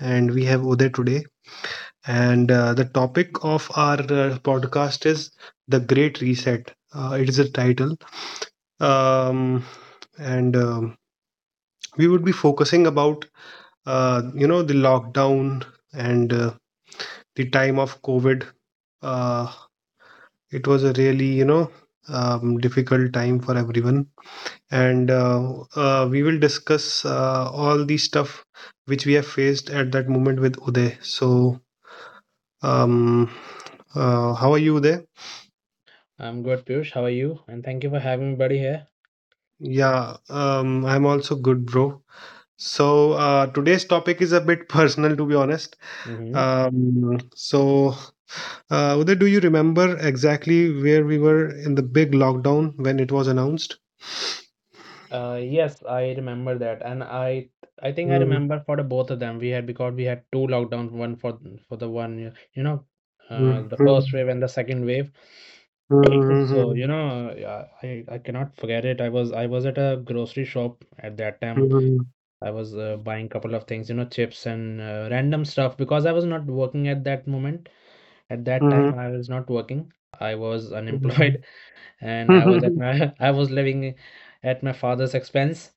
and we have Uday today. And The topic of our podcast is The Great Reset. It is a title. Um, and We would be focusing about, the lockdown and the time of COVID. Uh, it was a really, difficult time for everyone. And We will discuss all the stuff which we have faced at that moment with Uday. Um, how are you there? I'm good, Piyush. How are you? And thank you for having me, buddy, here. Yeah, I'm also good, bro. Today's topic is a bit personal, to be honest. hmm Um, so, Uday, do you remember exactly where we were in the big lockdown when it was announced? Yes, I remember that, and I think I remember for the both of them we had, because we had two lockdowns, one for the one the first Mhm, wave and the second wave. So mhm, yeah, I cannot forget it. I was at a grocery shop at that time. mhm, I was buying couple of things, you know, chips and random stuff, because I was not working at that moment. At that mhm, mhm, time, mhm. I was not working. I was unemployed and I was at my I was living at my father's expense.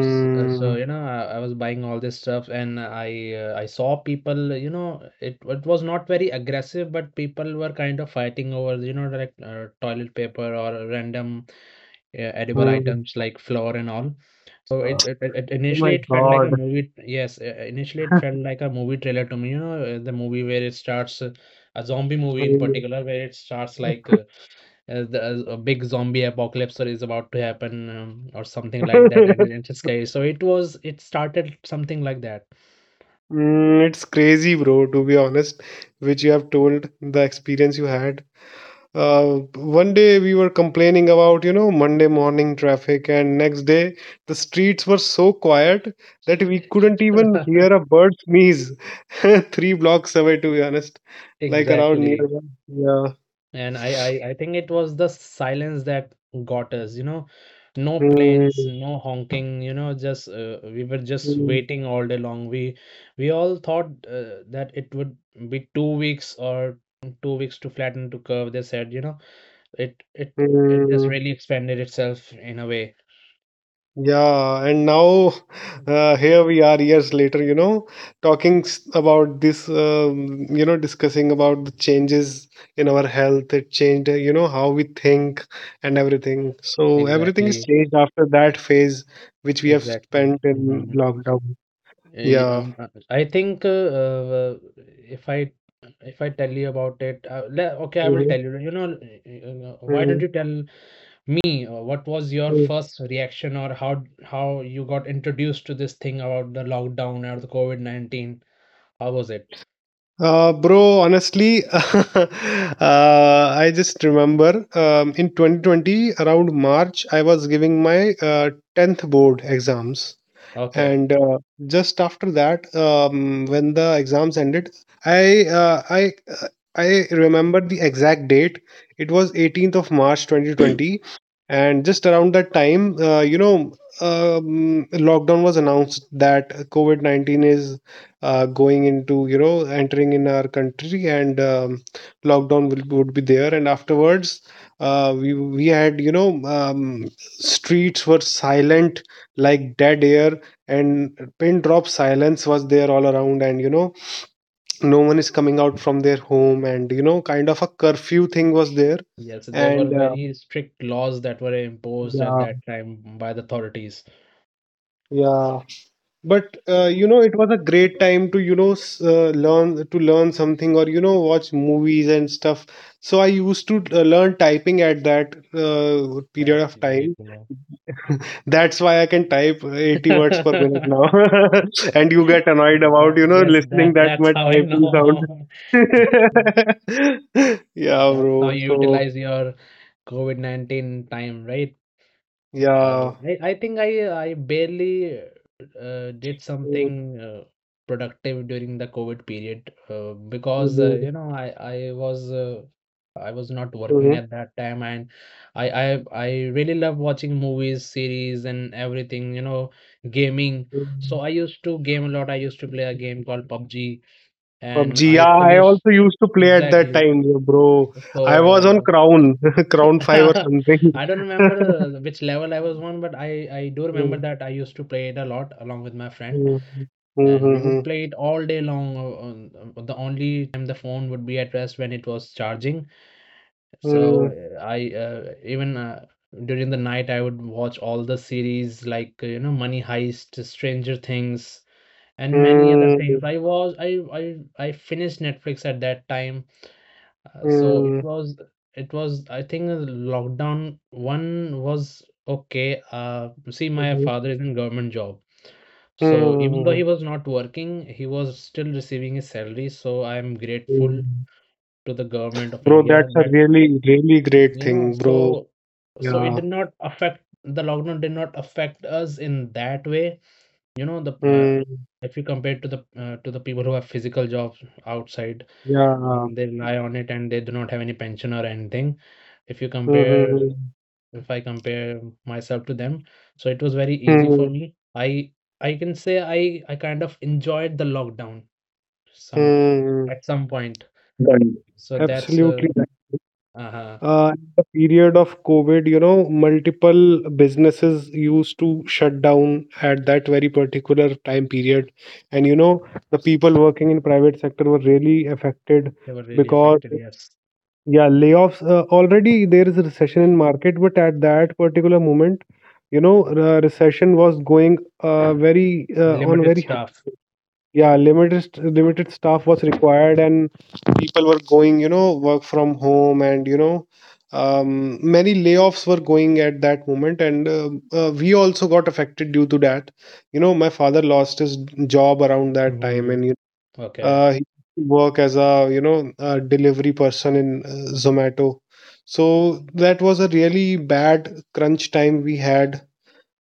So, I was buying all this stuff, and I saw people. You know, it was not very aggressive, but people were kind of fighting over, you know, like toilet paper or random edible mm. items like flour and all. So, Oh initially my it felt like a God. movie. Yes, initially it felt like a movie trailer to me. You know, the movie where it starts, a zombie movie in particular, where it starts like uh, the, a big zombie apocalypse or is about to happen, or something like that, and it's scary. So it was, it started something like that. Mm, it's crazy, bro, to be honest, which you have told the experience you had. One day we were complaining about, Monday morning traffic, and next day the streets were so quiet that we couldn't even hear a bird sneeze three blocks away, to be honest, like around near. Exactly. Yeah. And I think it was the silence that got us, you know. No planes, Mm, no honking, you know, just we were just mm, waiting all day long. We all thought that it would be 2 weeks, or 2 weeks to flatten to curve, they said. You know, it it it just mm. really expanded itself in a way. Yeah, and now here we are years later, talking about this, discussing about the changes in our health. It changed, how we think and everything. So everything is Exactly. changed after that phase which we have Exactly. spent in Mhm. lockdown. Yeah. I think if I tell you about it, okay, I will Hmm, tell you. You know, why don't you tell me what was your hmm. first reaction, or how how you got introduced to this thing about the lockdown or the COVID-19? How was it? Bro, honestly, I just remember, in 2020, around March, I was giving my 10th board exams, Okay. and just after that, when the exams ended, i uh, i uh, I remember the exact date, it was 18th of March 2020. And just around that time, lockdown was announced that COVID-19 is going into, entering in our country. And lockdown would be there. And afterwards, we had, streets were silent, like dead air, and pin drop silence was there all around. And no one is coming out from their home, and kind of a curfew thing was there. Yes, so there were And very strict laws that were imposed at yeah, that time by the authorities. yeah. But So it was a great time to, learn something, or watch movies and stuff. So I used to learn typing at that period that's of great, time. you That's why I can type 80 words per minute know. now. And you get annoyed about, That, yes, listening that that that's much how I typing sound. know. Yeah, That's how bro. you So, utilize your COVID-19 time, right? yeah. And I think I barely did Mm, something productive during the COVID period, because, mm, I was I was not working mhm, at that time, and I really love watching movies, series and everything, you know, gaming. So mhm. I used to game a lot. I used to play a game called PUBG and PUBG. Yeah, I I finished, also used to play at that exactly. time, yeah, bro. I was on So Crown, Crown 5 or something. I don't remember which level I was on, but I do remember Mm, that I used to play it a lot along with my friend, mm, and we would mhm, play it all day long. On, the only time the phone would be at rest when it was charging. So mhm, I even during the night I would watch all the series, like you know, Money Heist, Stranger Things, and many other mm, things. I was I I finished Netflix at that time, mm, so it mhm, was, it was, I think lockdown one was okay. See, my father is in government job, so even though mhm, he was not working, he was still receiving his salary. So I am grateful mhm. to the government of Bro, India, that's a that really, really great you know. thing, bro. So it Yeah. did not affect, the lockdown did not affect us in that way. You know, the Mm, if you compare to the people who have physical jobs outside. yeah. Mm. They rely on it and they do not have any pension or anything. If you compare, Mm-hmm. if I compare myself to them, so it was very easy for Hmm, me. I can say I kind of enjoyed the lockdown some, hmm. at some point. So that's Absolutely. Right. uh In the period of COVID, multiple businesses used to shut down at that very particular time period. And, the people working in private sector were really affected they were really because, affected. Yes, yeah, layoffs. Already there is a recession in market, but at that particular moment, the recession was going, very on limited very high- staff. yeah, limited staff was required, and people were going, work from home, and many layoffs were going at that moment, and we also got affected due to that. My father lost his job around that time, hmm and Okay. He work as a you know a delivery person in Zomato. So that was a really bad crunch time we had,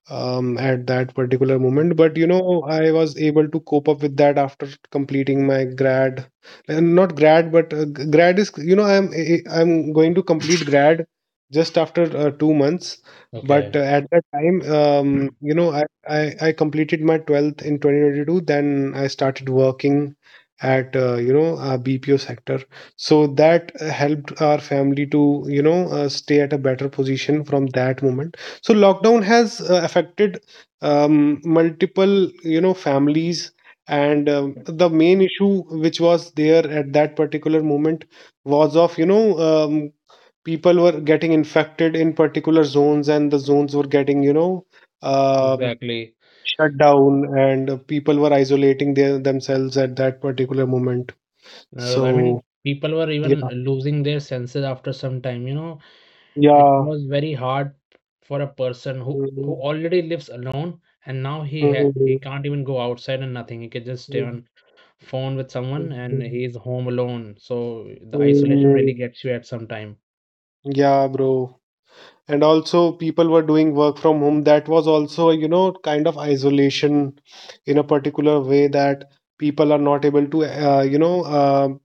at that particular moment. But Okay. I was able to cope up with that after completing my grad, and not grad, but grad is, I'm going to complete grad just after 2 months. But Okay. At that time, I completed my 12th in 2022. Then I started working at, BPO sector. So that helped our family to, stay at a better position from that moment. So lockdown has affected, multiple families. And the main issue which was there at that particular moment was of, um, people were getting infected in particular zones, and the zones were getting, um, Exactly. shut down. And people were isolating themselves at that particular moment. I So mean, people were even yeah, losing their senses after some time, you know. It yeah. was very hard for a person who Mm, already lives alone and now he he mm, can't even go outside, and nothing. He can just stay mm, on phone with mm, someone, and he mm, is home alone. So the isolation really mm. gets you at some time. Yeah, bro. And also people were doing work from home. That was also, kind of isolation in a particular way, that people are not able to, uh, you know um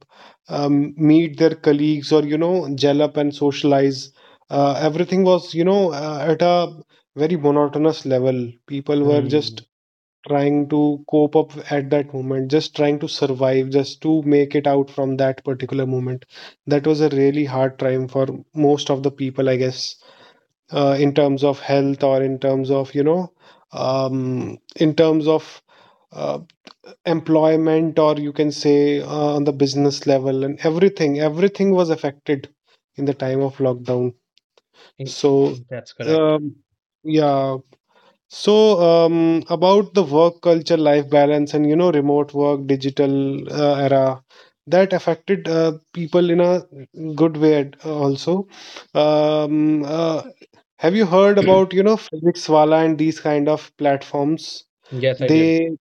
um, meet their colleagues, or gel up and socialize. Everything was, at a very monotonous level. People were just Mm. trying to cope up at that moment, just trying to survive, just to make it out from that particular moment. That was a really hard time for most of the people, I guess, in terms of health, or in terms of, in terms of uh, employment, or you can say on the business level. And everything was affected in the time of lockdown. y- So that's correct. um, yeah. So, about the work culture, life balance, and, remote work, digital era, that affected people in a good way also. Um, uh, have you heard about, Flixwala and these kind of platforms? Yes, I did. They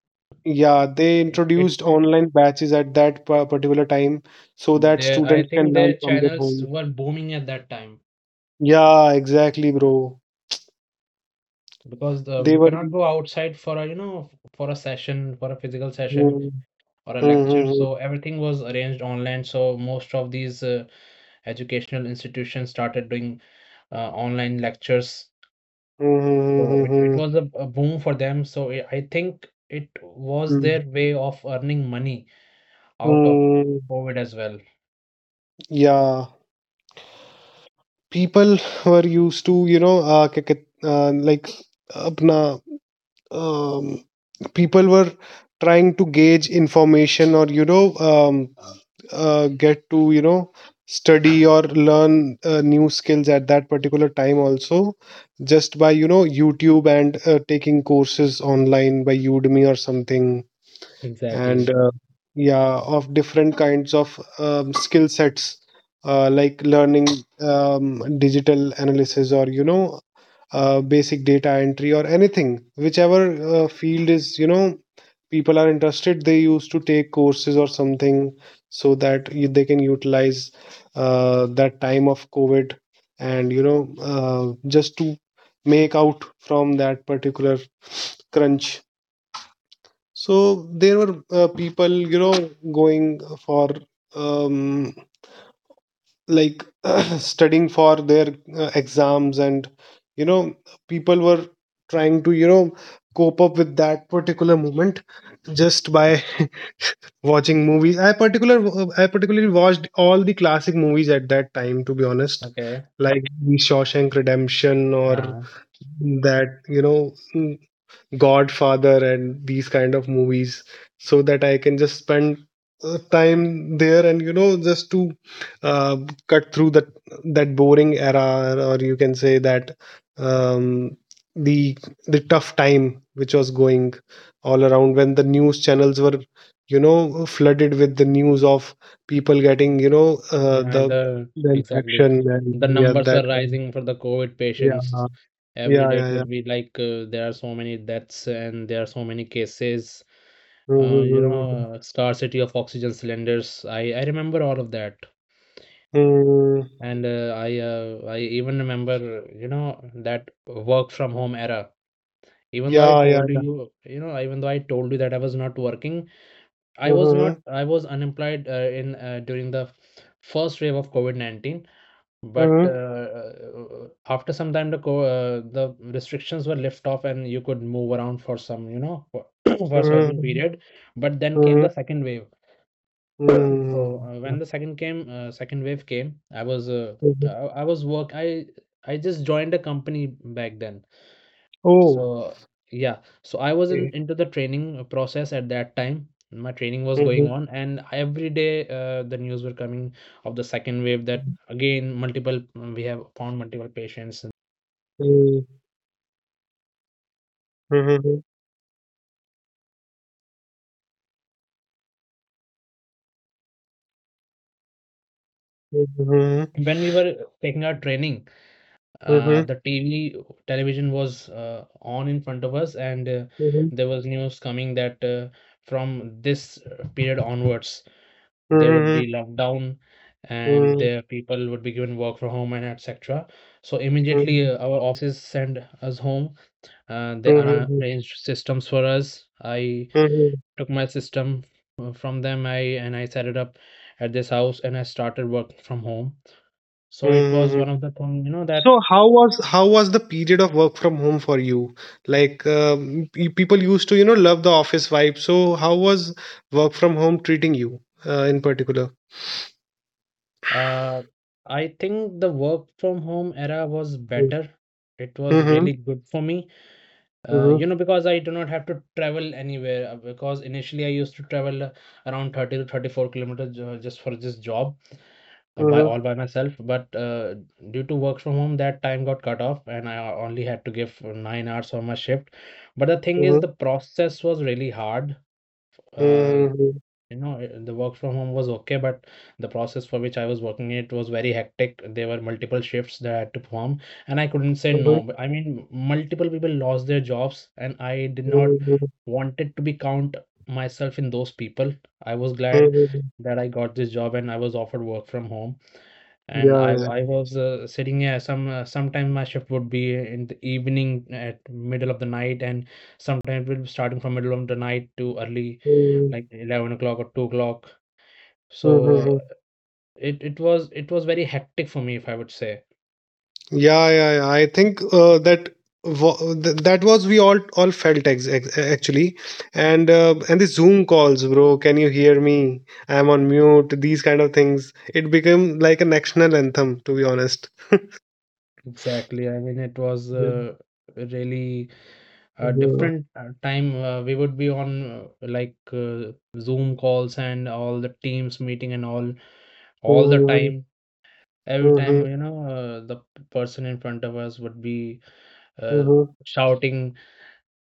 yeah, they It introduced online batches at that particular time, so that there I students think can their learn from their channels home. were booming at that time, Yeah, exactly, bro. because the, They you were. cannot go outside for a, you know, for a session, for a physical session Hmm, or a hmm, lecture. hmm, hmm, So everything was arranged online. So most of these educational institutions started doing online lectures. hmm, hmm, So hmm, it, hmm, it hmm. was a boom for them. So I think it was Mm. their way of earning money out of Mm, COVID as well. yeah, people were used to, क्या कहत- like अपना, um, people were trying to gauge information, or, get to, study or learn new skills at that particular time also, just by, YouTube and taking courses online by Udemy or something. And Exactly. Yeah, of different kinds of skill sets, like learning digital analysis, or basic data entry, or anything, whichever field is, people are interested, they used to take courses or something, so that they can utilize that time of covid, and, just to make out from that particular crunch. So there were people, going for, um, like, studying for their exams, and, you know, people were trying to, cope up with that particular moment just by watching movies. I particularly watched all the classic movies at that time, to be honest, Okay. like The Shawshank Redemption, or Uh, that, Godfather and these kind of movies, so that I can just spend time there, and, just to uh, cut through that boring era, or you can say that, um, the the tough time which was going all around, when the news channels were, flooded with the news of people getting, yeah, the the the exactly. infection and The yeah, numbers were that kind. rising for the COVID Yeah, patients. Every yeah, day yeah, it yeah. would be like, there are so many deaths and there are so many cases. You know, scarcity of oxygen cylinders. I remember all of that. Mhm. And I even remember, you know, that work from home era. Even though I Yeah, yeah, told yeah. you, you know, even though I told you that I was not working, I was Mm-hmm. not, I was unemployed in during the first wave of COVID-19. But Mm-hmm. After some time, the co the restrictions were lifted off, and you could move around for some, you know, for for a certain Mm-hmm. period. But then came the second wave. So Mm-hmm. when the second came, second wave came, Mm-hmm. I was work I just joined a company back then. Oh, So yeah, so I was in, okay. into the training process at that time. My training was going Mm-hmm. on, and every day the news were coming of the second wave. That again, multiple, we have found multiple patients. Mm-hmm. Mm-hmm. When we were taking our training, Mm-hmm. the TV television was on in front of us, and there was news coming that from this period onwards, there would be lockdown, and Mm-hmm. the people would be given work from home and etc. So immediately, our offices sent us home. They arranged systems for us. I took my system from them, I set it up at this house, and I started working from home. So it was Mm-hmm. one of the thing, you know, that So how was the period of work from home for you? Like, people used to, love the office vibe. So how was work from home treating you, in particular? uh, I think the work from home era was Mm-hmm. better. It was Mm-hmm. really good for me, you know, because I do not have to travel anywhere. Because initially I used to travel around 30 to 34 kilometers just for this job by Mm-hmm. all by myself. But due to work from home, that time got cut off, and I only had to give 9 hours on my shift. But the thing is, Mm-hmm. the process was really hard. Uh, Mhm. you know, the work from home was okay, but the process for which I was working, it was very hectic. There were multiple shifts that I had to perform, and I couldn't say Mhm. no. But I mean, multiple people lost their jobs, and I did not Mhm. wanted to be count myself in those people. I was glad Mhm. that I got this job and I was offered work from home, and i Yeah, yeah. w- i was sitting here. Some sometimes my shift would be in the evening, at middle of the night, and sometimes it will be starting from middle of the night to early, Mhm. like 11 o'clock or 2 o'clock. So Mhm. it was, it was very hectic for me, if I would say. Yeah, yeah, yeah. I think that was, we all felt actually, and the Zoom calls, bro. Can you hear me? I'm on mute. These kind of things. It became like a national anthem, to be honest. Exactly. I mean, it was Yeah. Really a Mhm. different time. We would be on like Zoom calls and all the Teams meeting and all the Mhm. time. Every time, Mhm. you know, person in front of us would be uh, Mhm. shouting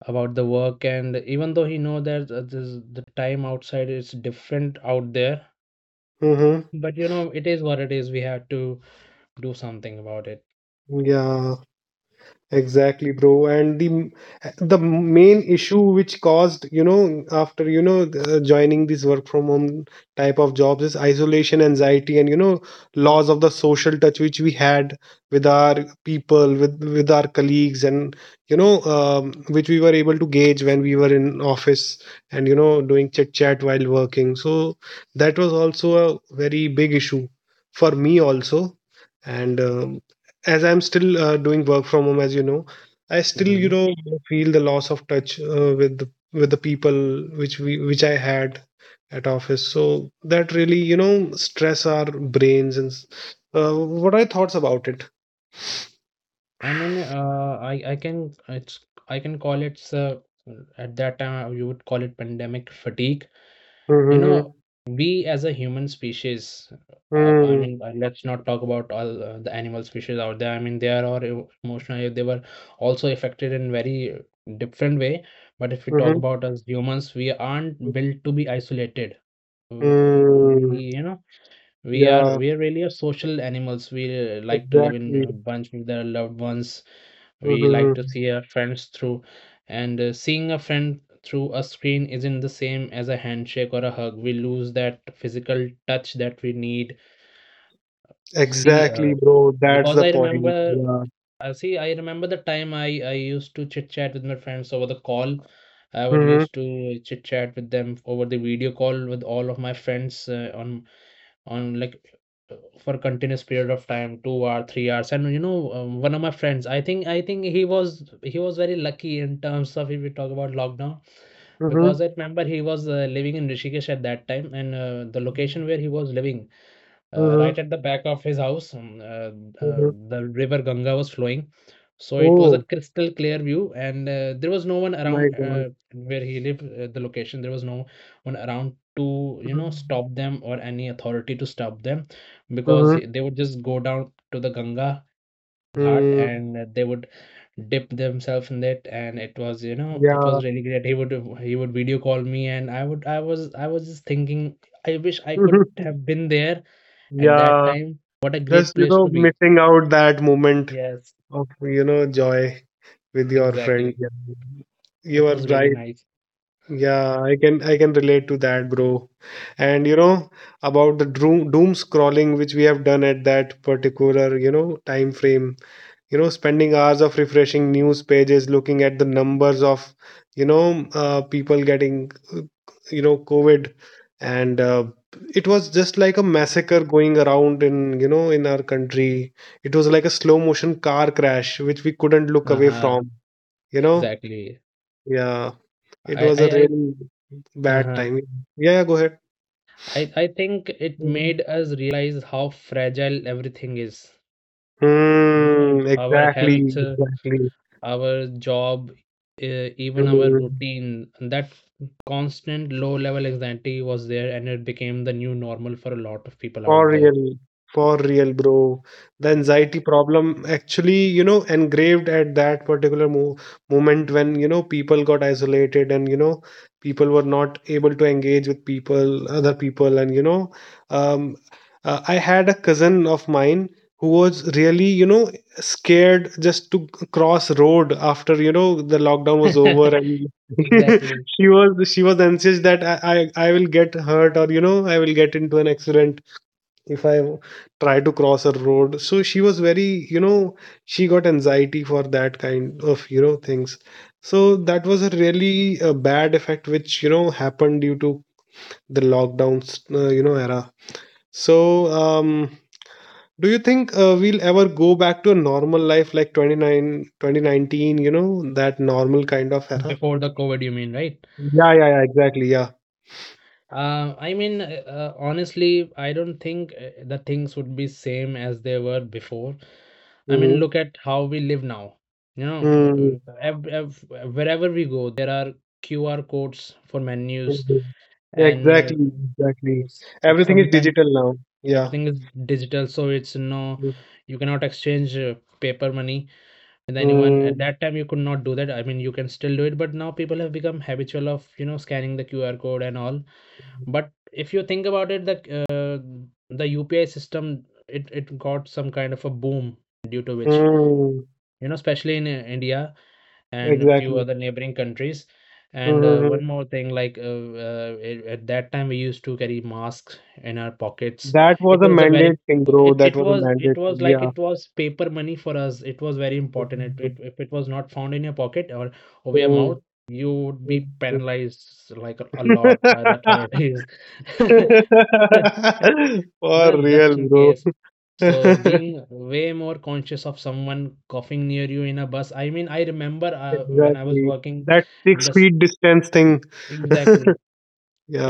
about the work, and even though he know that this, the time outside is different out there, Mhm. but you know, it is what it is. We have to do something about it. Yeah. Exactly, bro. And the main issue which caused, after, joining this work from home type of jobs, is isolation, anxiety, and, loss of the social touch which we had with our people, with our colleagues, and, you know, um, which we were able to gauge when we were in office, and, doing chit chat while working. So that was also a very big issue for me also. And as I'm still doing work from home, as you know, I still Mhm. Feel the loss of touch with with the people which we which I had at office. So that really, stress our brains. And what are your thoughts about it? I mean, I can, it's, I can call it at that time you would call it pandemic fatigue. You Mm-hmm. know, we as a human species, I Mm-hmm. mean, let's not talk about all the animal species out there. I mean, they are all emotional. They were also affected in very different way. But if we talk Mm-hmm. about us humans, we aren't built to be isolated. Uh, We, Mm, you know, We are yeah, we are really a social animals. We like to live in exactly. a bunch with our loved ones. We like to Mm-hmm. see our friends through, and seeing a friend through a screen isn't the same as a handshake or a hug. We lose that physical touch that we need. See, Exactly, bro. That's because the I point. remember, Yeah. See, I remember the time I used to chit chat with my friends over the call. I would Mm-hmm. used to chit chat with them over the video call with all of my friends on like for continuous period of time, 2 hour, 3 hours. And you know, one of my friends, I think he was very lucky in terms of if we talk about lockdown, Mm-hmm. because I remember he was living in Rishikesh at that time, and the Mm-hmm. location where he was living right Mm-hmm. at the back of his house. Mm-hmm. The river Ganga was flowing, so it was a Oh crystal clear view, and there was no one my around God. Where he lived. The location, there was no one around to you know Mm-hmm. stop them or any authority to stop them, because Mhm. They would just go down to the Ganga Ghat, Mm, and they would dip themselves in it, and it was you know it yeah. was really great. He would video call me, and I was just thinking, I wish I could have been there at that Yeah. time. What a Just, great place to be. missing out that moment Yes, of joy with your friend. exactly. Yeah. You It are was really right. nice. Yeah, I can relate to that, bro. And about the doom scrolling which we have done at that particular time frame. Spending hours of refreshing news pages, looking at the numbers of people getting COVID, and it was just like a massacre going around in in our country. It was like a slow motion car crash which we couldn't look away Uh-huh, from, you know. exactly. Yeah, it I, I, was a I, really bad uh-huh. time. Yeah, yeah, go ahead. I think it Mhm. made us realize how fragile everything is. You know, Hmm, our exactly, health, exactly. our job, even our Hmm. routine. That constant low level anxiety was there, and it became the new normal for a lot of people For out there. real, for real, bro. The anxiety problem actually engraved at that particular mo moment when people got isolated, and people were not able to engage with people, other people. And, um, I had a cousin of mine who was really scared just to cross road after the lockdown was over, and Exactly. she was anxious that I will get hurt, or I will get into an accident if I try to cross a road. So she was very she got anxiety for that kind of things. So that was a really bad effect, which happened due to the lockdowns era. So do you think we'll ever go back to a normal life like 2019 that normal kind of era? Before the COVID, you mean, right? Yeah, yeah, yeah, exactly. Yeah. I mean, honestly, I don't think the things would be same as they were before. I mean, Mm-hmm. look at how we live now. You Hmm, know, ev ev wherever we go, there are QR codes for menus, and exactly, exactly. s- Everything is sometimes digital now. Yeah. everything is digital, so it's no, you cannot exchange paper money with anyone. At Mm, that time, you could not do that. I mean, you can still do it, but now people have become habitual of, you know, scanning the QR code and all. But if you think about it, the UPI system, it got some kind of a boom, due to which mm, you know, especially in India and a few exactly. other neighboring countries. And Mm-hmm. one more thing, like at that time we used to carry masks in our pockets. That was It a was a very mandate thing, bro. That was a mandate thing. Yeah. it was paper money for us. It was very important. It, Mm, it If it was not found in your pocket or over your mm, mouth, you would mm, be mm. penalized like a lot by the authorities. For No, real, just in bro. case. So being way more conscious of someone coughing near you in a bus. I mean, I remember when I was Exactly. working That in six this feet distance thing. exactly.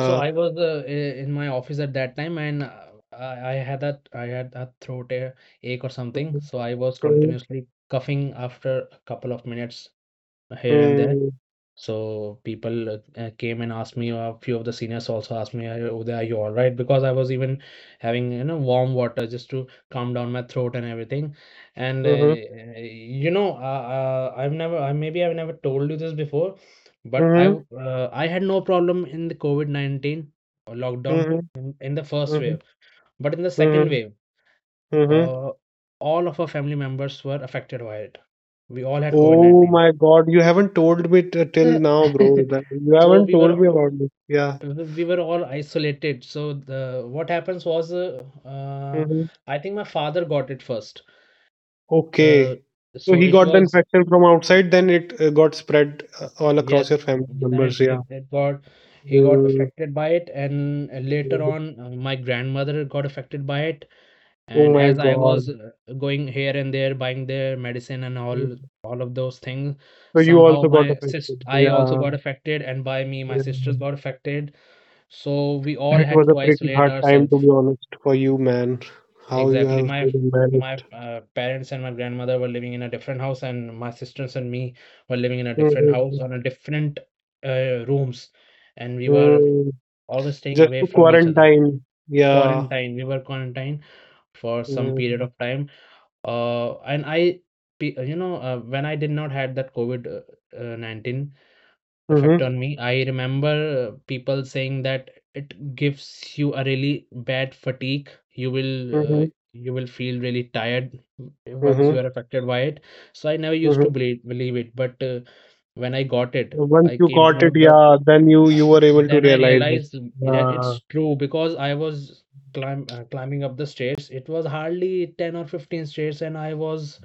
So I was in my office at that time, and I had that throat ache or something. Mm-hmm. So I was continuously coughing after a couple of minutes here and there. Mm-hmm. So people came and asked me. A few of the seniors also asked me, Uday, are you all right?" Because I was even having you know warm water just to calm down my throat and everything. And you know, I maybe I've never told you this before, but Mm-hmm. I had no problem in the COVID 19 lockdown Mm-hmm. in the first Mm-hmm. wave, but in the second wave, Mm-hmm. uh, all of our family members were affected by it. We all had COVID Oh 19. my God, you haven't told me t till Yeah. now, bro. That you So haven't told me about this. Yeah. We were all isolated. So the what happens was Hmm. I think my father got it first, uh, Okay. So so he it got the was, infection from outside, then it got spread all across your yes, family then members. it, Yeah. it, it got he got Mm, affected by it, and later mm. on my grandmother got affected by it, Oh and my as I was God. Going here and there buying their medicine and Mm. all of those things, So you somehow also got my sis affected. I also Yeah. got affected, and by me my Yeah. sisters got affected, so we all That had was a to pretty isolate hard time, ourselves. to be honest, for you, man. How you Exactly. have My really my managed. Parents and my grandmother were living in a different house, and my sisters and me were living in a different house Mm, on a different rooms, and we were mm. always staying Just away to from each other. quarantine. Yeah. Quarantine. We were quarantined for some period of time. And you know, when I did not had that COVID 19 effect Mm-hmm. on me. I remember people saying that it gives you a really bad fatigue. You will uh, Mm-hmm. you will feel really tired once you are Mm-hmm, affected by it. So I never used to mm-hmm. believe it, but when I got it, Once I you came to caught know it, that. yeah, then you uh, you were able to Then I realize it. realized that Uh, it's true because I was climbing up the stairs. It was hardly 10 or 15 stairs, and I was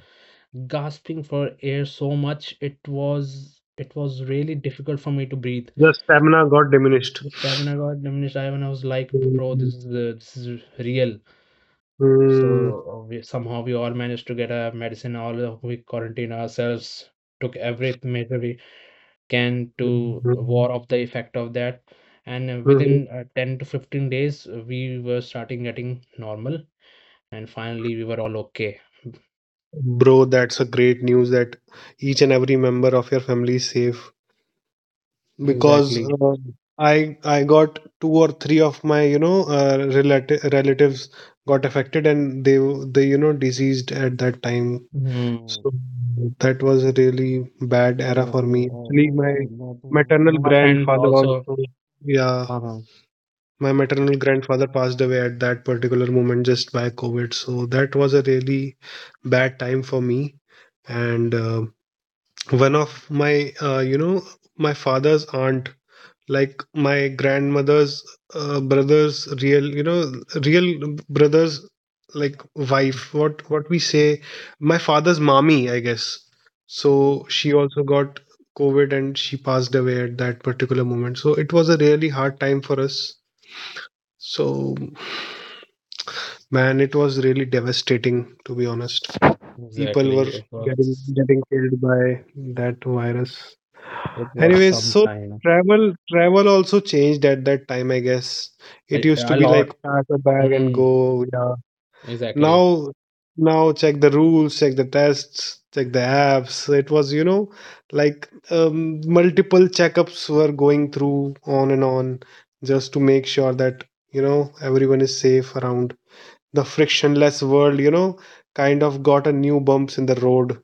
gasping for air so much. It was really difficult for me to breathe. the stamina got diminished. This seven I got diminished, I when I was like, bro, Mm-hmm. This is real. So somehow we all managed to get a medicine. All We quarantined ourselves, took every measure we can to ward off the effect of that. And Mm-hmm. within 10 to 15 days, we were starting getting normal, and finally we were all okay. Bro, that's a great news that each and every member of your family is safe. Because Exactly. I got two or three of my relatives got affected, and they diseased at that time. Mm, So that was a really bad era for exactly. me. Uh, but, Actually, my uh, but, uh, one maternal of my friends grandfather also. also, yeah, Uh-huh. my maternal grandfather passed away at that particular moment just by COVID. So that was a really bad time for me. And one of my my father's aunt, like my grandmother's brother's real you know real brother's, like wife, what we say, my father's mommy, I guess. So Mhm. she also got COVID, and she passed away at that particular moment. So it was a really hard time for us. So, man, it was really devastating, to be honest. People Exactly. were getting getting killed by that virus. It was Anyways, some so time. travel also changed at that time, I guess. I It used to a be like lot. pack a bag and Mm, go. Yeah. exactly. Now now check the rules, check the tests, check the apps. It was like multiple checkups were going through on and on just to make sure that everyone is safe around. The frictionless world kind of got a new bumps in the road,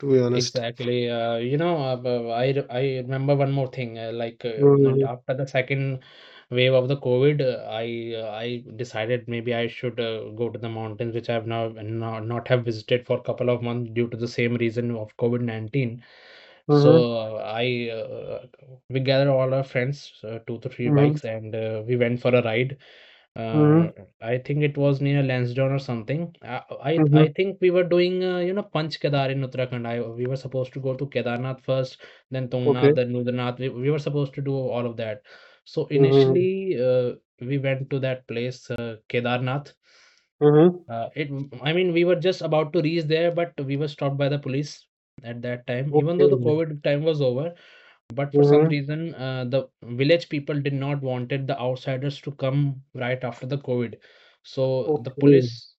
to be honest. Exactly. You know, I remember one more thing. Like and Mm-hmm. after the second wave of the COVID, I decided maybe I should go to the mountains, which I have now not have visited for a couple of months due to the same reason of COVID-19. Mm-hmm. So I we gathered all our friends, two to three Mm-hmm. bikes, and we went for a ride. Mm-hmm. Uh, I think it was near Lansdowne or something. I I, Mm-hmm. I think we were doing you know Panch Kedar in Uttarakhand. I We were supposed to go to Kedarnath first, then Tungnath, Okay. then Rudranath. We were supposed to do all of that. So Mm-hmm. initially, we went to that place, Kedarnath. Mm-hmm. It I mean we were just about to reach there, but we were stopped by the police at that time. Even though the Okay. COVID time was over, but for some Mm-hmm. reason, the village people did not wanted the outsiders to come right after the COVID. So the Okay. police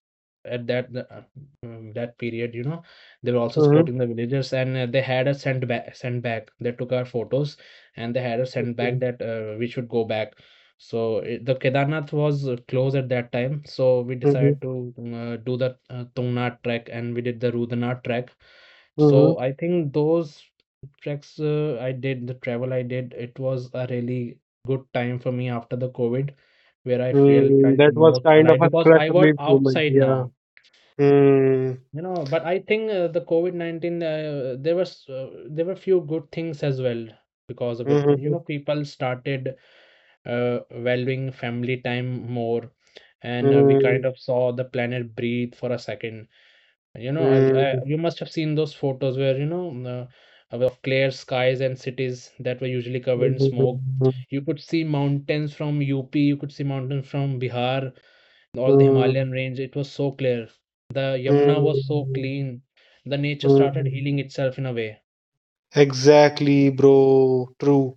at that period, you know, they were also Mm-hmm. supporting the villagers, and they had a sent back. Sent back. They took our photos, and they had a sent back that we should go back. The Kedarnath was closed at that time. So we Mm-hmm. decided to do the Tungnath trek, and we did the Rudranath trek. So Mm-hmm. I think those treks I did, the travel I did, it was a really good time for me after the COVID, where I feel felt That was most kind of alive a because stress I was relief moment, outside yeah. now. Mm, You know, but I think the COVID-19, there were few good things as well because of it. You mm, know, people started valuing family time more, and we kind mm, of saw the planet breathe for a second. You know, mm, you must have seen those photos where, you know, of clear skies and cities that were usually covered in smoke. mm, You could see mountains from UP, you could see mountains from Bihar, all the mm, Himalayan range. It was so clear. The Yamuna was so mm, clean. The nature started mm. healing itself in a way. Exactly, bro. True.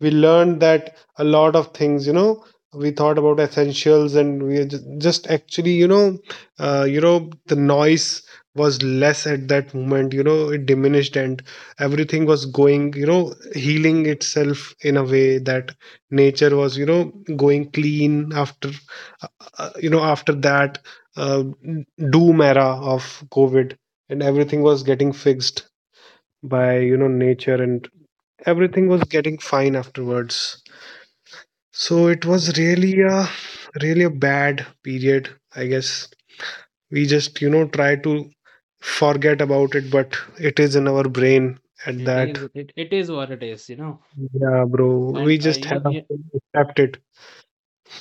We learned that a lot of things, we thought about essentials, and we just actually, the noise was less at that moment, it diminished, and everything was going, healing itself in a way that nature was, going clean after uh, after that uh, doom era of COVID, and everything was getting fixed by nature, and everything was getting fine afterwards. So it was really a bad period, I guess. We just try to forget about it, but it is in our brain at that. It is what it is, you know. Yeah, bro. We And just have to accept it.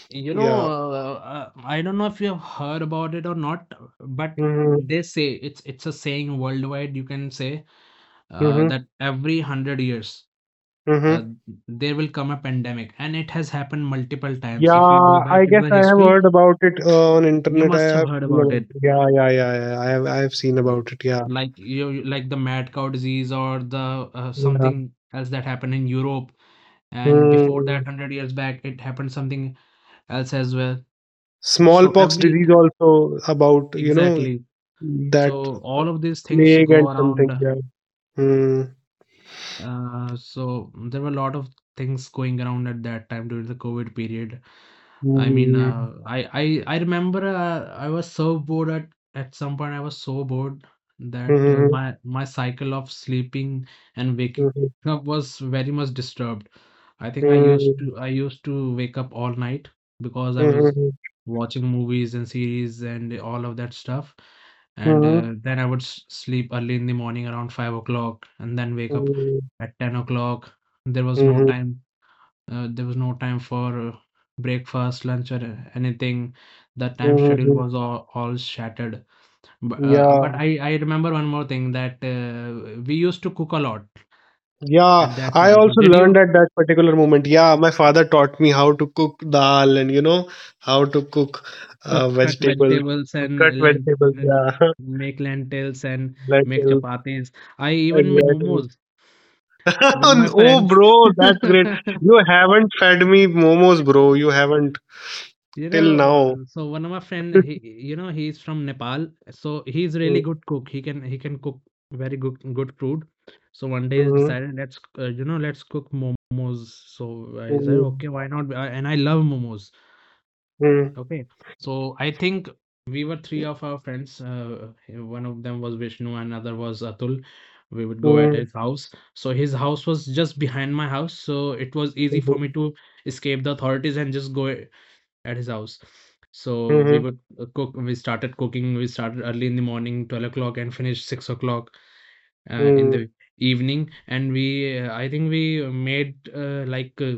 you know, Yeah. I don't know if you have heard about it or not, but Mm-hmm. they say it's a saying worldwide, you can say Mm-hmm. that every 100 years uh, Mm-hmm. there will come a pandemic, and it has happened multiple times. If you go Yeah, I back into guess the I have history, heard about it on you internet. I must have have heard seen about about it. it. Yeah, yeah, yeah, yeah, yeah. I have seen Mm. about it. Yeah. like you like the mad cow disease or the Yeah. something else that happened in Europe, and before Hmm. that 100 years back it happened something else as well. So Smallpox every, disease also, about exactly, that so all of these things plague go and around. something, yeah. Hmm. There were a lot of things going around at that time during the COVID period. Hmm. I remember I was so bored at some point. I was so bored that Hmm. my cycle of sleeping and waking Hmm. up was very much disturbed. I think Hmm. I used to wake up all night because I was Hmm. watching movies and series and all of that stuff. And Hmm. Then I would s sleep early in the morning around 5 o'clock and then wake up Hmm. at 10 o'clock. There was no Hmm. time. There was no time for breakfast, lunch, or anything. The time schedule Hmm. was all shattered. But Yeah, but I remember one more thing that we used to cook a lot yeah. at that I time. also Did learned you at that particular moment. Yeah, my father taught me how to cook dal, and how to cook cut vegetables, vegetables cut and vegetables. Yeah, make lentils and make lentils. chapatis? I even made Exactly. momos with my Oh, friends. bro, that's great. You haven't fed me momos, bro. You haven't You till know, now. So one of my friend, he's from Nepal, so he's really good cook. He can cook very good food. So one day he Mhm, decided, let's let's cook momos. So I said, mhm, okay, why not? And I love momos. mhm, Okay, so I think we were three of our friends. One of them was Vishnu, another was Atul. We would go at mhm, his house. So his house was just behind my house, so it was easy mhm, for me mhm, to escape the authorities and just go at his house. So we mhm. would cook. We started cooking. We started early in the morning, 12 o'clock, and finished 6 o'clock in Mm. the evening. And I think we made like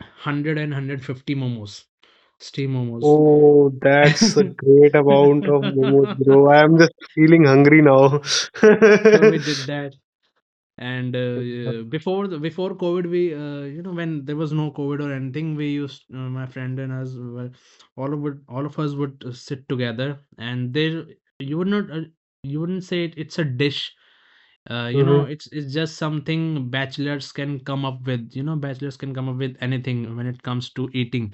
100 momos, steam momos. Oh, that's a great amount of momos, bro. I am just feeling hungry now. So we did that. And, before the before COVID, when there was no COVID or anything, my friend and us were, all of us would sit together, and there you would not, you wouldn't say it's a dish. Mhm, It's just something bachelors can come up with. You know, bachelors can come up with anything when it comes to eating.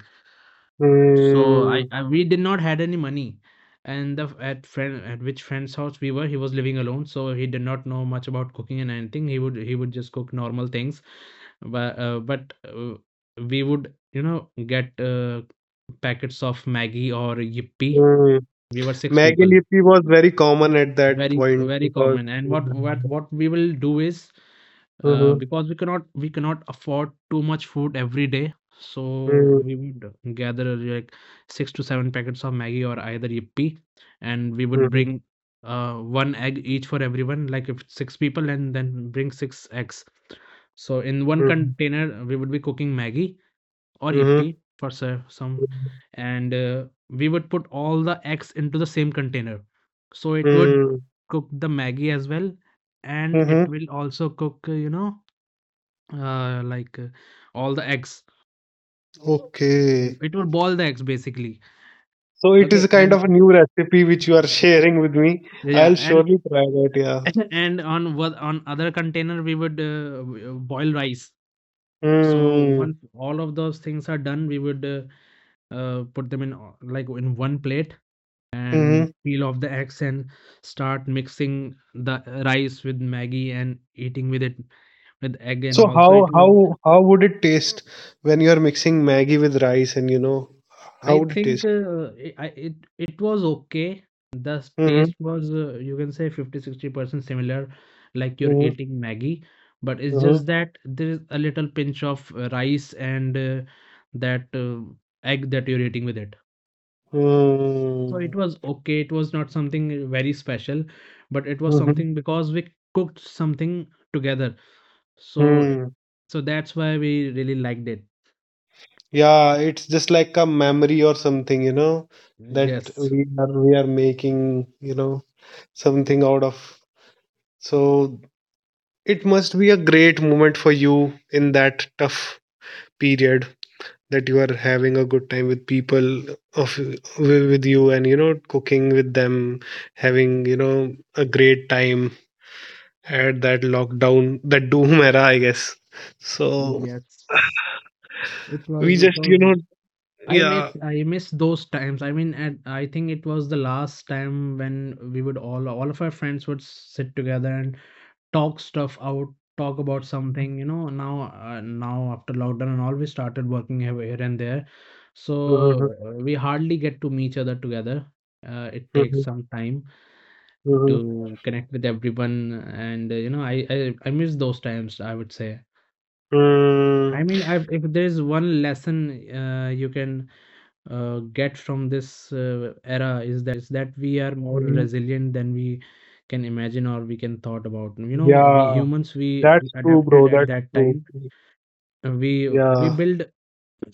So mhm, I we did not had any money, and the at friend at which friend's house we were, he was living alone, so he did not know much about cooking and anything. He would just cook normal things, but we would, you know, get packets of Maggie or Yippee. mhm. We were six Maggi people, Lippy was very common at that point very because. common. And what we will do is, Mhm, because we cannot, afford too much food every day, so mhm, we would gather like six to seven packets of Maggie or either Yippee, and we would mhm, bring uh, one egg each for everyone. Like if it's six people, and then bring six eggs. So in one container we would be cooking Maggie or Yippee mhm, for some, mhm. and we would put all the eggs into the same container, so it would Mm. cook the Maggie as well, and it Mm-hmm. will also cook, uh, like uh, all the eggs. Okay. It will boil the eggs basically. So it is Okay, a kind of a and new recipe which you are sharing with me. yeah, I'll and surely try that, yeah. and on what on other container we would boil rice. So Mm. once all of those things are done, we would put them in one plate and Mm-hmm. peel off the eggs and start mixing the rice with Maggie and eating with it with egg. And So also how it was, how how would it taste when you are mixing Maggi with rice, and how I would it think, taste? It it was okay. The Mm-hmm. taste was you can say 50 60% similar, like you're Mm-hmm. eating Maggie, but it's Mm-hmm. just that there is a little pinch of rice and that egg that you're eating with it. So it Mm. was okay. It was not something very special, but it was Mm-hmm. something because we cooked something together. So Mm. That's why we really liked it. Yeah, it's just like a memory or something that Yes, we are making something out of. So it must be a great moment for you in that tough period, that you are having a good time with people of with you, and cooking with them, having a great time at that lockdown, that doom era, I guess. So yes. We It just was. Yeah. I miss those times. I mean, at I think it was the last time when we would all of our friends would sit together and talk stuff out, talk about something. You know, now after lockdown and all, we started working here, here and there, Mhm, so we hardly get to meet each other together. It takes mhm, some time mhm. to connect with everyone, and I miss those times, I would say. Mm, I, if there's one lesson you can get from this era, is that we are more mm. resilient than we can imagine or we can thought about. You know, we Yeah, humans, we that's true, adapted bro. at That's that true. time. We Yeah, build,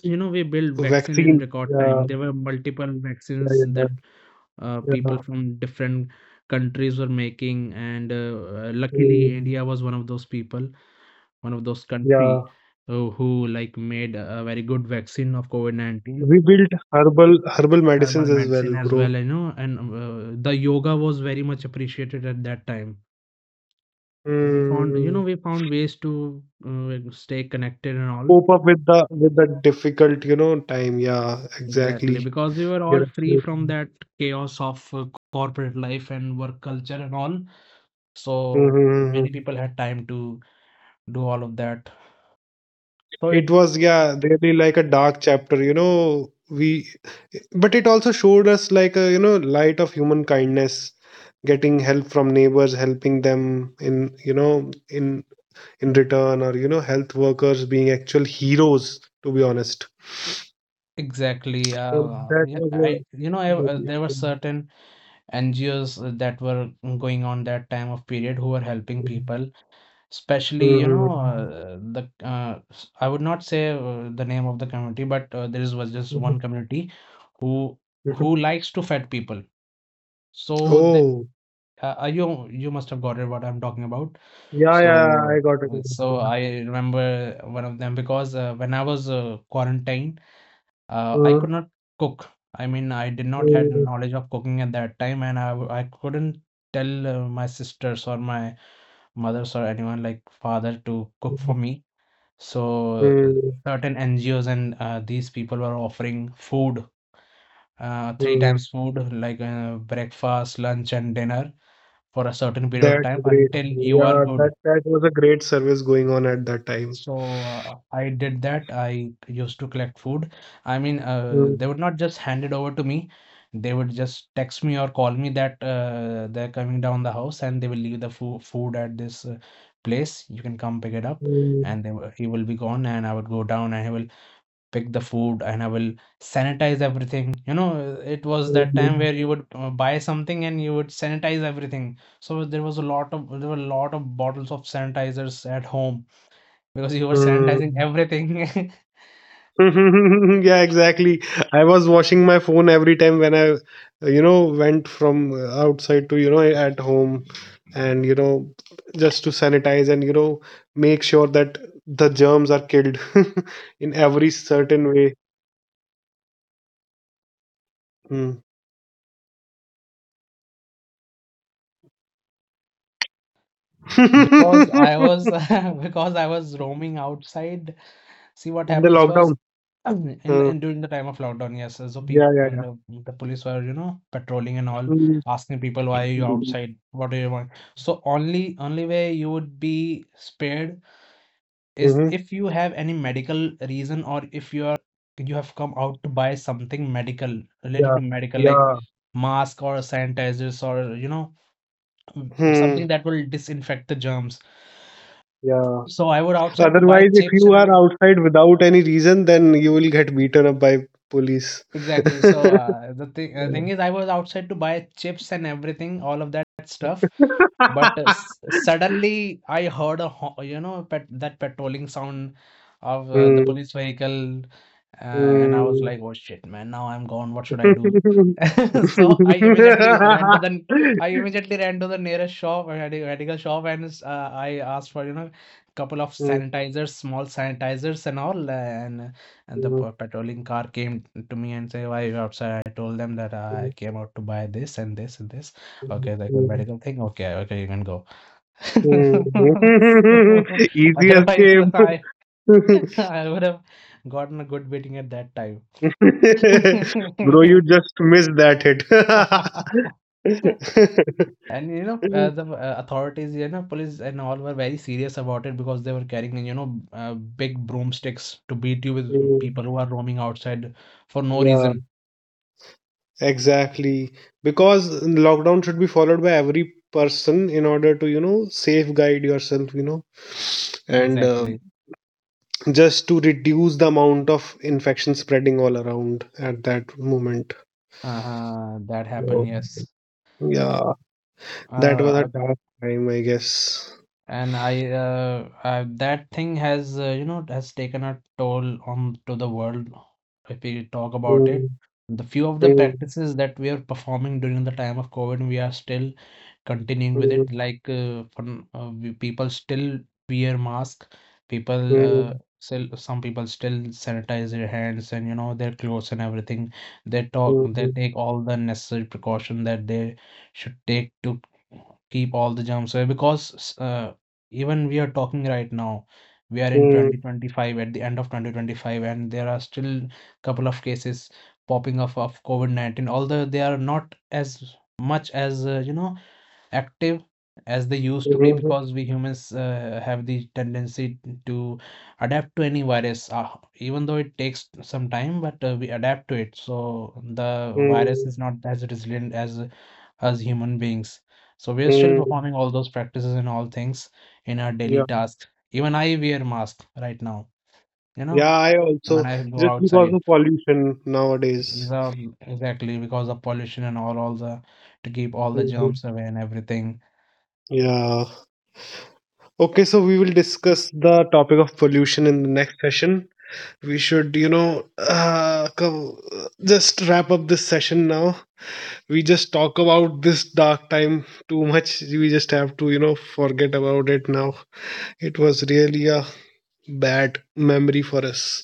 you know, we build vaccine in vaccine. record Yeah, time. There were multiple yeah, vaccines yeah, that yeah, people yeah. from different countries were making, and luckily Mm. India was one of those people one of those country Yeah, who like made a very good vaccine of COVID-19. we built herbal medicines Thermal as well, medicine as well, bro. you know, and the yoga was very much appreciated at that time. We found, you know, Hmm. we found ways to stay connected and all. Cope up with the difficult time. Yeah, Exactly, exactly. because we were all You're free absolutely. from right. that chaos of corporate life and work culture and all. So many Mm-hmm. people had time to do all of that. So it It was, yeah, really like a dark chapter. We, but it also showed us like a light of human kindness, getting help from neighbors, helping them in in return, or health workers being actual heroes, to be honest. exactly, So that was I you know, a. I, there were Mhm. certain NGOs that were going on that time of period who were helping people. Especially, you know, Mhm. I would not say the name of the community, but there is was just one community who Mhm. who likes to fed people. So they, Oh, you you must have got it what I'm talking about. yeah, yeah, yeah, I So got it. Yeah. I remember one of them because when I was quarantined, I could Mm, not cook. I mean, I did not had mm, knowledge of cooking at that time, and I couldn't tell my sisters or my mothers or anyone like father to cook mm, for me. So mm, certain NGOs and these people were offering food, three mm. times food, like breakfast, lunch, and dinner for a certain period of That time great. until you are Yeah, that good. that was a great service going on at that time. So I did that. I used to collect food. I mean, Mm, they would not just hand it over to me. They would just text me or call me that they're coming down the house and they will leave the fo food at this place. You can come pick it up. mm, And they will, he will be gone, and I would go down and he will pick the food and I will sanitize everything. You know, it was that time mm, where you would buy something and you would sanitize everything. So there was a lot of, there were a lot of bottles of sanitizers at home because you were sanitizing mm. everything. Yeah, exactly. I was washing my phone every time when I went from outside to at home, and just to sanitize, and make sure that the germs are killed in every certain way. Hmm. In Because I was, because I was roaming outside. See what the happens was lockdown. Hmm. in during the time of lockdown, yes. So Yeah, yeah, people, yeah. The police were, you know, patrolling and all, Mm-hmm. asking people, why are you outside? What do you want? So only way you would be spared is if you have any medical reason, or if you have come out to buy something medical, related Yeah, to medical, like yeah. mask or sanitizers, or you know, Hmm. something that will disinfect the germs. Yeah. So I was So, outside to buy otherwise, if chips, you and I are was outside without any reason, then you will get beaten up by police. exactly. So the thing Yeah. thing is, I was outside to buy chips and everything, all of that stuff. But suddenly I heard you know, pet that patrolling sound of the Hmm. police vehicle, and I was Hmm. like, "Oh shit, man! Now I'm gone. What should I do?" So I immediately ran to the nearest shop, a medical shop, and I asked for, you know, couple of Hmm. sanitizers, small sanitizers, and all. And the Hmm. Patrolling car came to me and say, "Why are you outside?" I told them that I came out to buy this and this and this. Okay, like a medical thing? Okay, okay, you can go. Hmm. Easy Otherwise, escape. I I would have gotten a good beating at that time. Bro, you just missed that hit. And you know, the authorities, you know, police and all, were very serious about it because they were carrying, you know, big broomsticks to beat you with, Hmm. people who are roaming outside for no Yeah. reason. Exactly. Because lockdown should be followed by every person in order to safeguard yourself and Exactly. just to reduce the amount of infection spreading all around at that moment. That happened, So, yes. yeah, that was a Uh, dark time, I guess. That thing has, you know, has taken a toll on to the world. If we talk about it, Mm, the few of the mm, practices that we are performing during the time of COVID, we are still continuing with mm, it. Like people still wear mask, people mm, still, some people still sanitize their hands and you know their clothes and everything. They talk they mm, take all the necessary precaution that they should take to keep all the germs away, because even we are talking right now, we are in mm, 2025, at the end of 2025, and there are still couple of cases popping up of COVID-19, although they are not as much as you know active as they used to be, mm, because we humans have the tendency to adapt to any virus, even though it takes some time, but we adapt to it. So the virus mm, is not as resilient as human beings. So we are still mm. performing all those practices and all things in our daily Yeah. tasks. Even I wear mask right now, you Yeah, know, I also, when I go just because outside. of pollution nowadays. Without, exactly, because of pollution and all the, to keep all the germs away and everything. Yeah. Okay, so we will discuss the topic of pollution in the next session. We should, you know, co- just wrap up this session now. We just talk about this dark time too much. We just have to forget about it now. It was really a bad memory for us.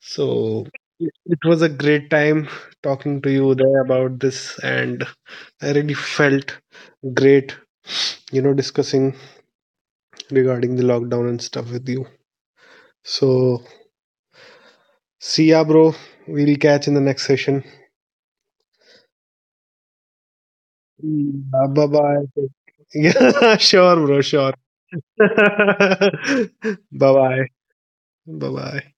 So it was a great time talking to you there about this, and I really felt great discussing regarding the lockdown and stuff with you. So, see ya, bro. We'll catch in the next session. Bye bye. Yeah, sure, bro, sure. Bye bye. Bye bye.